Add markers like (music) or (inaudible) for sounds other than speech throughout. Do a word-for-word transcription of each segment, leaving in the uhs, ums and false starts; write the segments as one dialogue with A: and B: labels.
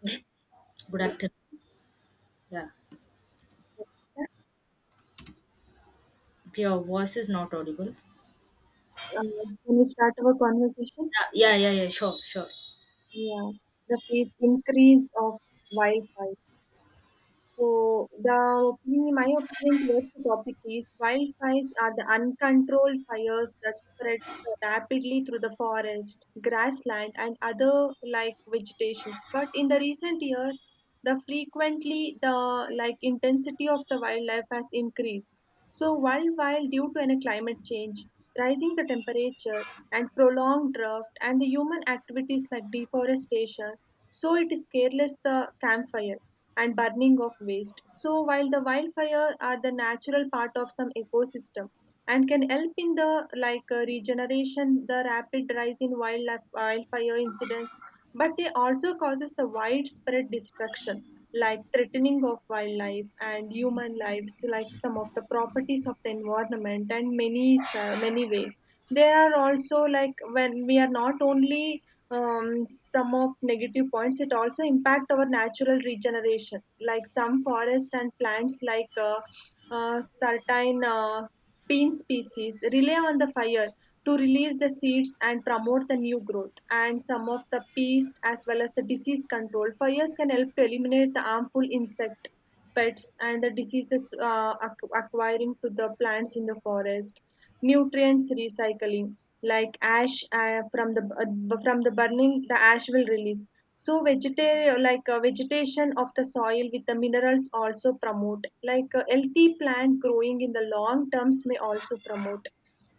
A: Yeah.
B: Good afternoon. Yeah. Your voice is not audible.
A: Uh, Can we start our conversation?
B: Yeah, yeah, yeah, yeah. Sure, sure.
A: Yeah, the increase of Wi-Fi. So the opinion, my opinion towards the topic is wildfires are the uncontrolled fires that spreads rapidly through the forest, grassland, and other like vegetations. But in the recent year, the frequently the like intensity of the wildlife has increased. So wildfire due to any climate change, rising the temperature, and prolonged drought, and the human activities like deforestation. So it is careless the campfire and burning of waste. So, while the wildfire are the natural part of some ecosystem and can help in the like uh, regeneration, the rapid rise in wildlife, wildfire incidents, but they also causes the widespread destruction, like threatening of wildlife and human lives, like some of the properties of the environment and many uh, many way. They are also like when we are not only um, some of negative points, it also impact our natural regeneration, like some forest and plants like uh, uh, certain uh, bean species rely on the fire to release the seeds and promote the new growth. And some of the pests as well as the disease control fires can help to eliminate the harmful insect pests and the diseases, uh, ac- acquiring to the plants in the forest. Nutrients recycling, like ash, uh, from the bu- from the burning, the ash will release. So vegeta- like uh, vegetation of the soil with the minerals also promote, like uh, healthy plant growing in the long terms, may also promote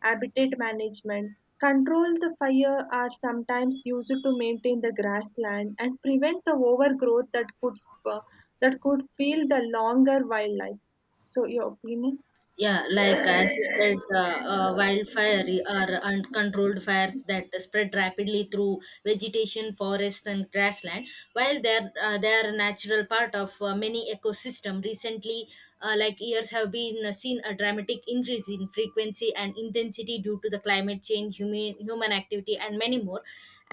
A: habitat management. Control the fire are sometimes used to maintain the grassland and prevent the overgrowth that could uh, that could feel the longer wildlife. So your opinion.
B: Yeah, like as you said, uh, uh, wildfire are uncontrolled fires that spread rapidly through vegetation, forests, and grassland. While they're uh, They are a natural part of uh, many ecosystem, recently, uh, like years have been uh, seen a dramatic increase in frequency and intensity due to the climate change, human human activity, and many more.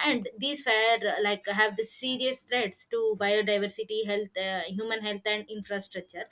B: And these fire uh, like have the serious threats to biodiversity, health, uh, human health, and infrastructure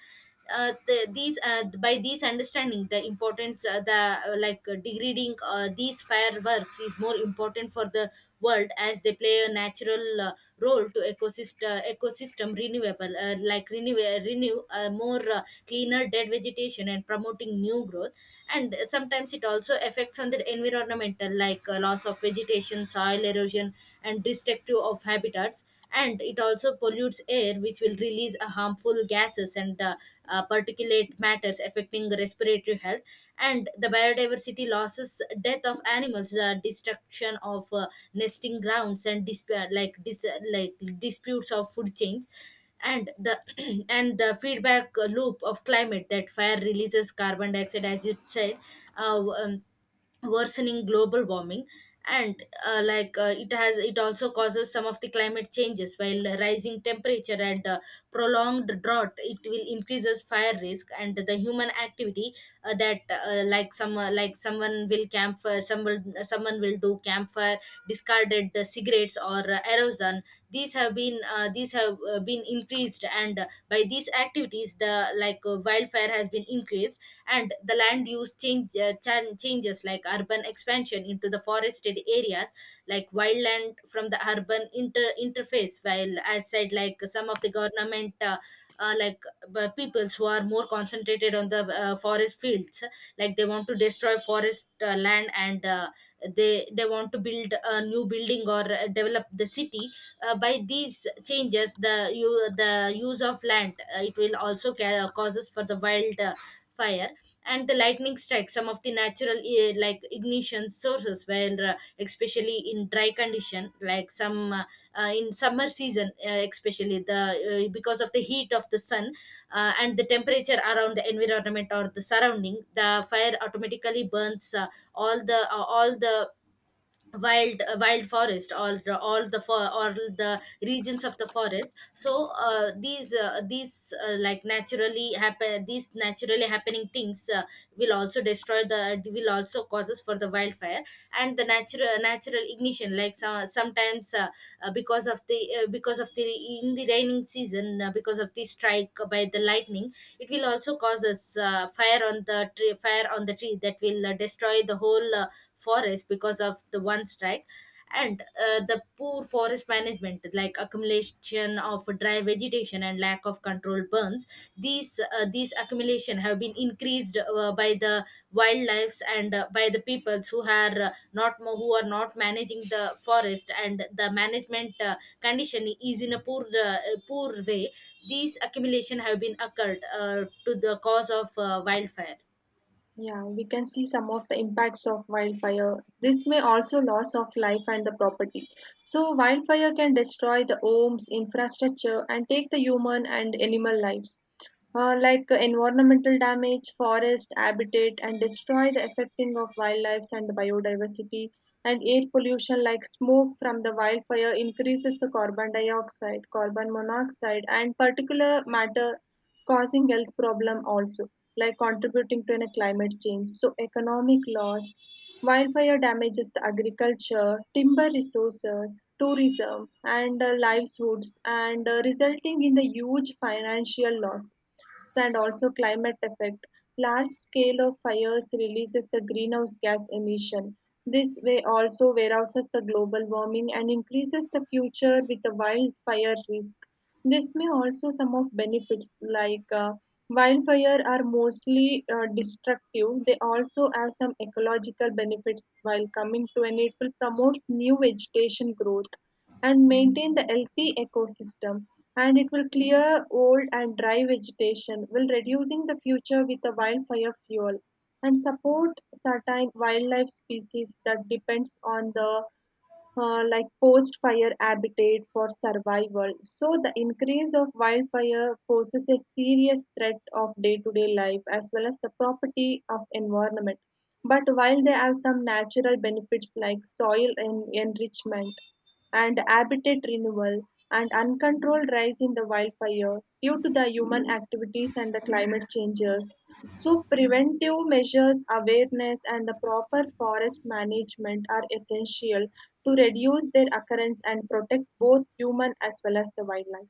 B: uh, the, these uh, By these understanding the importance uh, the uh, like uh, degrading uh, these fireworks is more important for the world as they play a natural uh, role to ecosystem uh, ecosystem renewable uh, like renew uh, renew uh, more uh, cleaner dead vegetation and promoting new growth, and sometimes it also affects on the environmental like uh, loss of vegetation, soil erosion, and destructive of habitats. And it also pollutes air, which will release uh, harmful gases and uh, uh, particulate matters affecting respiratory health and the biodiversity losses, death of animals, uh, destruction of uh, nesting grounds and disp- uh, like dis- like disputes of food chains, and the (clears throat) and the feedback loop of climate that fire releases carbon dioxide, as you said. uh, um, Worsening global warming, and uh, like uh, it has, it also causes some of the climate changes while rising temperature and uh, prolonged drought, it will increases fire risk. And the human activity, uh, that uh, like some uh, like someone will camp, someone someone will do campfire, discarded the cigarettes or uh, erosion. These have been uh, these have uh, been increased, and uh, by these activities the like uh, wildfire has been increased. And the land use change uh, chan- changes like urban expansion into the forested areas like wildland from the urban inter- interface. While as said, like some of the government uh, uh, like b- peoples who are more concentrated on the uh, forest fields like they want to destroy forest uh, land, and uh, they they want to build a new building or uh, develop the city. Uh, by these changes the you the use of land, uh, it will also ca- causes for the wild uh, fire. And the lightning strikes some of the natural eh, like ignition sources where uh, especially in dry condition, like some uh, uh, in summer season, uh, especially the uh, because of the heat of the sun, uh, and the temperature around the environment or the surrounding, the fire automatically burns uh, all the uh, all the wild uh, wild forest or all the for or the regions of the forest. So uh, these uh, these uh, like naturally happen, these naturally happening things uh, will also destroy the, will also causes for the wildfire. And the natural natural ignition, like some sometimes, uh, uh, because of the, uh, because of the, in the raining season, uh, because of the strike by the lightning, it will also cause us uh, fire on the tree, fire on the tree that will uh, destroy the whole uh, forest because of the one strike. And uh, the poor forest management, like accumulation of dry vegetation and lack of control burns, these uh, these accumulation have been increased uh, by the wildlife, and uh, by the peoples who are uh, not mo- who are not managing the forest, and the management uh, condition is in a poor uh, poor way. These accumulation have been occurred uh, to the cause of uh, wildfire.
A: Yeah, we can see some of the impacts of wildfire. This may also loss of life and the property. So wildfire can destroy the homes, infrastructure, and take the human and animal lives. Uh, like uh, environmental damage, forest habitat, and destroy the affecting of wildlife and the biodiversity. And air pollution, like smoke from the wildfire, increases the carbon dioxide, carbon monoxide, and particulate matter, causing health problem also, like contributing to a climate change. So economic loss, wildfire damages the agriculture, timber resources, tourism, and uh, livelihoods, and uh, resulting in the huge financial loss. So, and also climate effect, large scale of fires releases the greenhouse gas emission. This way also warehouses the global warming and increases the future with the wildfire risk. This may also some of benefits. Like uh, wildfire are mostly uh, destructive. They also have some ecological benefits while coming to, and it will promotes new vegetation growth and maintain the healthy ecosystem. And it will clear old and dry vegetation while reducing the future with the wildfire fuel, and support certain wildlife species that depends on the uh, like post fire habitat for survival. So the increase of wildfire poses a serious threat of day to day life as well as the property of environment. But while they have some natural benefits like soil en- enrichment and habitat renewal, and uncontrolled rise in the wildfire due to the human activities and the climate changes. So, preventive measures, awareness, and the proper forest management are essential to reduce their occurrence and protect both human as well as the wildlife.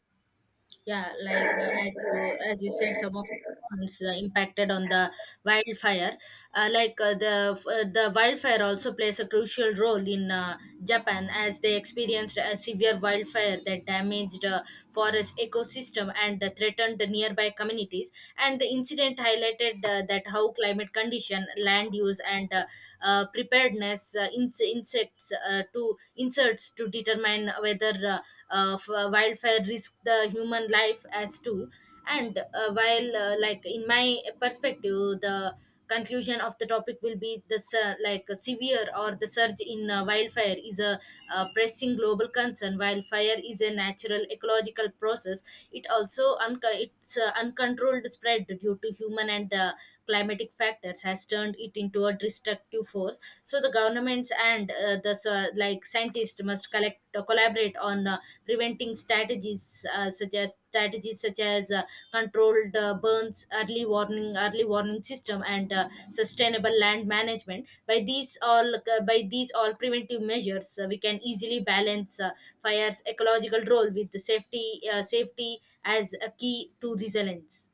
B: Yeah, like uh, as you as you said, some of the ponds uh, impacted on the wildfire. Uh, like uh, the f- uh, the wildfire also plays a crucial role in uh, Japan, as they experienced a severe wildfire that damaged uh, forest ecosystem, and and threatened the nearby communities. And the incident highlighted uh, that how climate condition, land use, and uh, uh, preparedness uh, in- insects uh, to inserts to determine whether uh, uh, f- wildfire risk the human life as too. And uh, while uh, like in my perspective, the conclusion of the topic will be the sur- like a severe or the surge in uh, wildfire is a uh, pressing global concern. While fire is a natural ecological process, it also unco- it's uh, uncontrolled spread due to human and uh, climatic factors has turned it into a destructive force. So the governments and uh, the uh, like scientists must collect uh, collaborate on uh, preventing strategies uh, such as strategies such as uh, controlled uh, burns, early warning early warning system, and uh, sustainable land management. By these all uh, by these all preventive measures, uh, we can easily balance uh, fire's ecological role with the safety uh, safety as a key to resilience.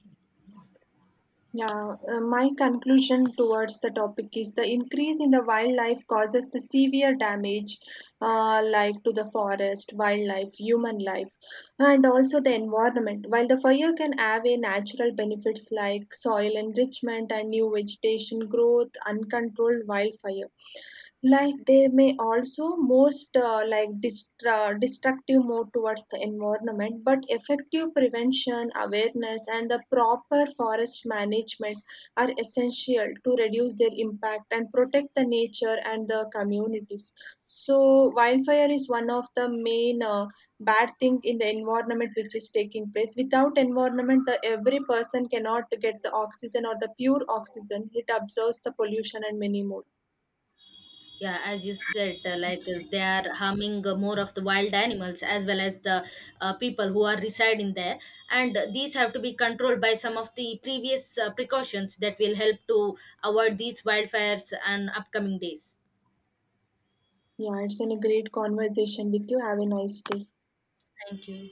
A: Yeah, uh, my conclusion towards the topic is the increase in the wildlife causes the severe damage, uh, like to the forest, wildlife, human life, and also the environment. While the fire can have a natural benefits like soil enrichment and new vegetation growth, uncontrolled wildfire, like they may also most uh, like distra- destructive move towards the environment, but effective prevention, awareness, and the proper forest management are essential to reduce their impact and protect the nature and the communities. So wildfire is one of the main uh, bad thing in the environment, which is taking place. Without environment, the every person cannot get the oxygen or the pure oxygen. It absorbs the pollution and many more.
B: Yeah, as you said, uh, like uh, they are harming uh, more of the wild animals, as well as the uh, people who are residing there, and uh, these have to be controlled by some of the previous uh, precautions that will help to avoid these wildfires and upcoming days.
A: Yeah, it's been a great conversation with you. Have a nice day.
B: Thank you.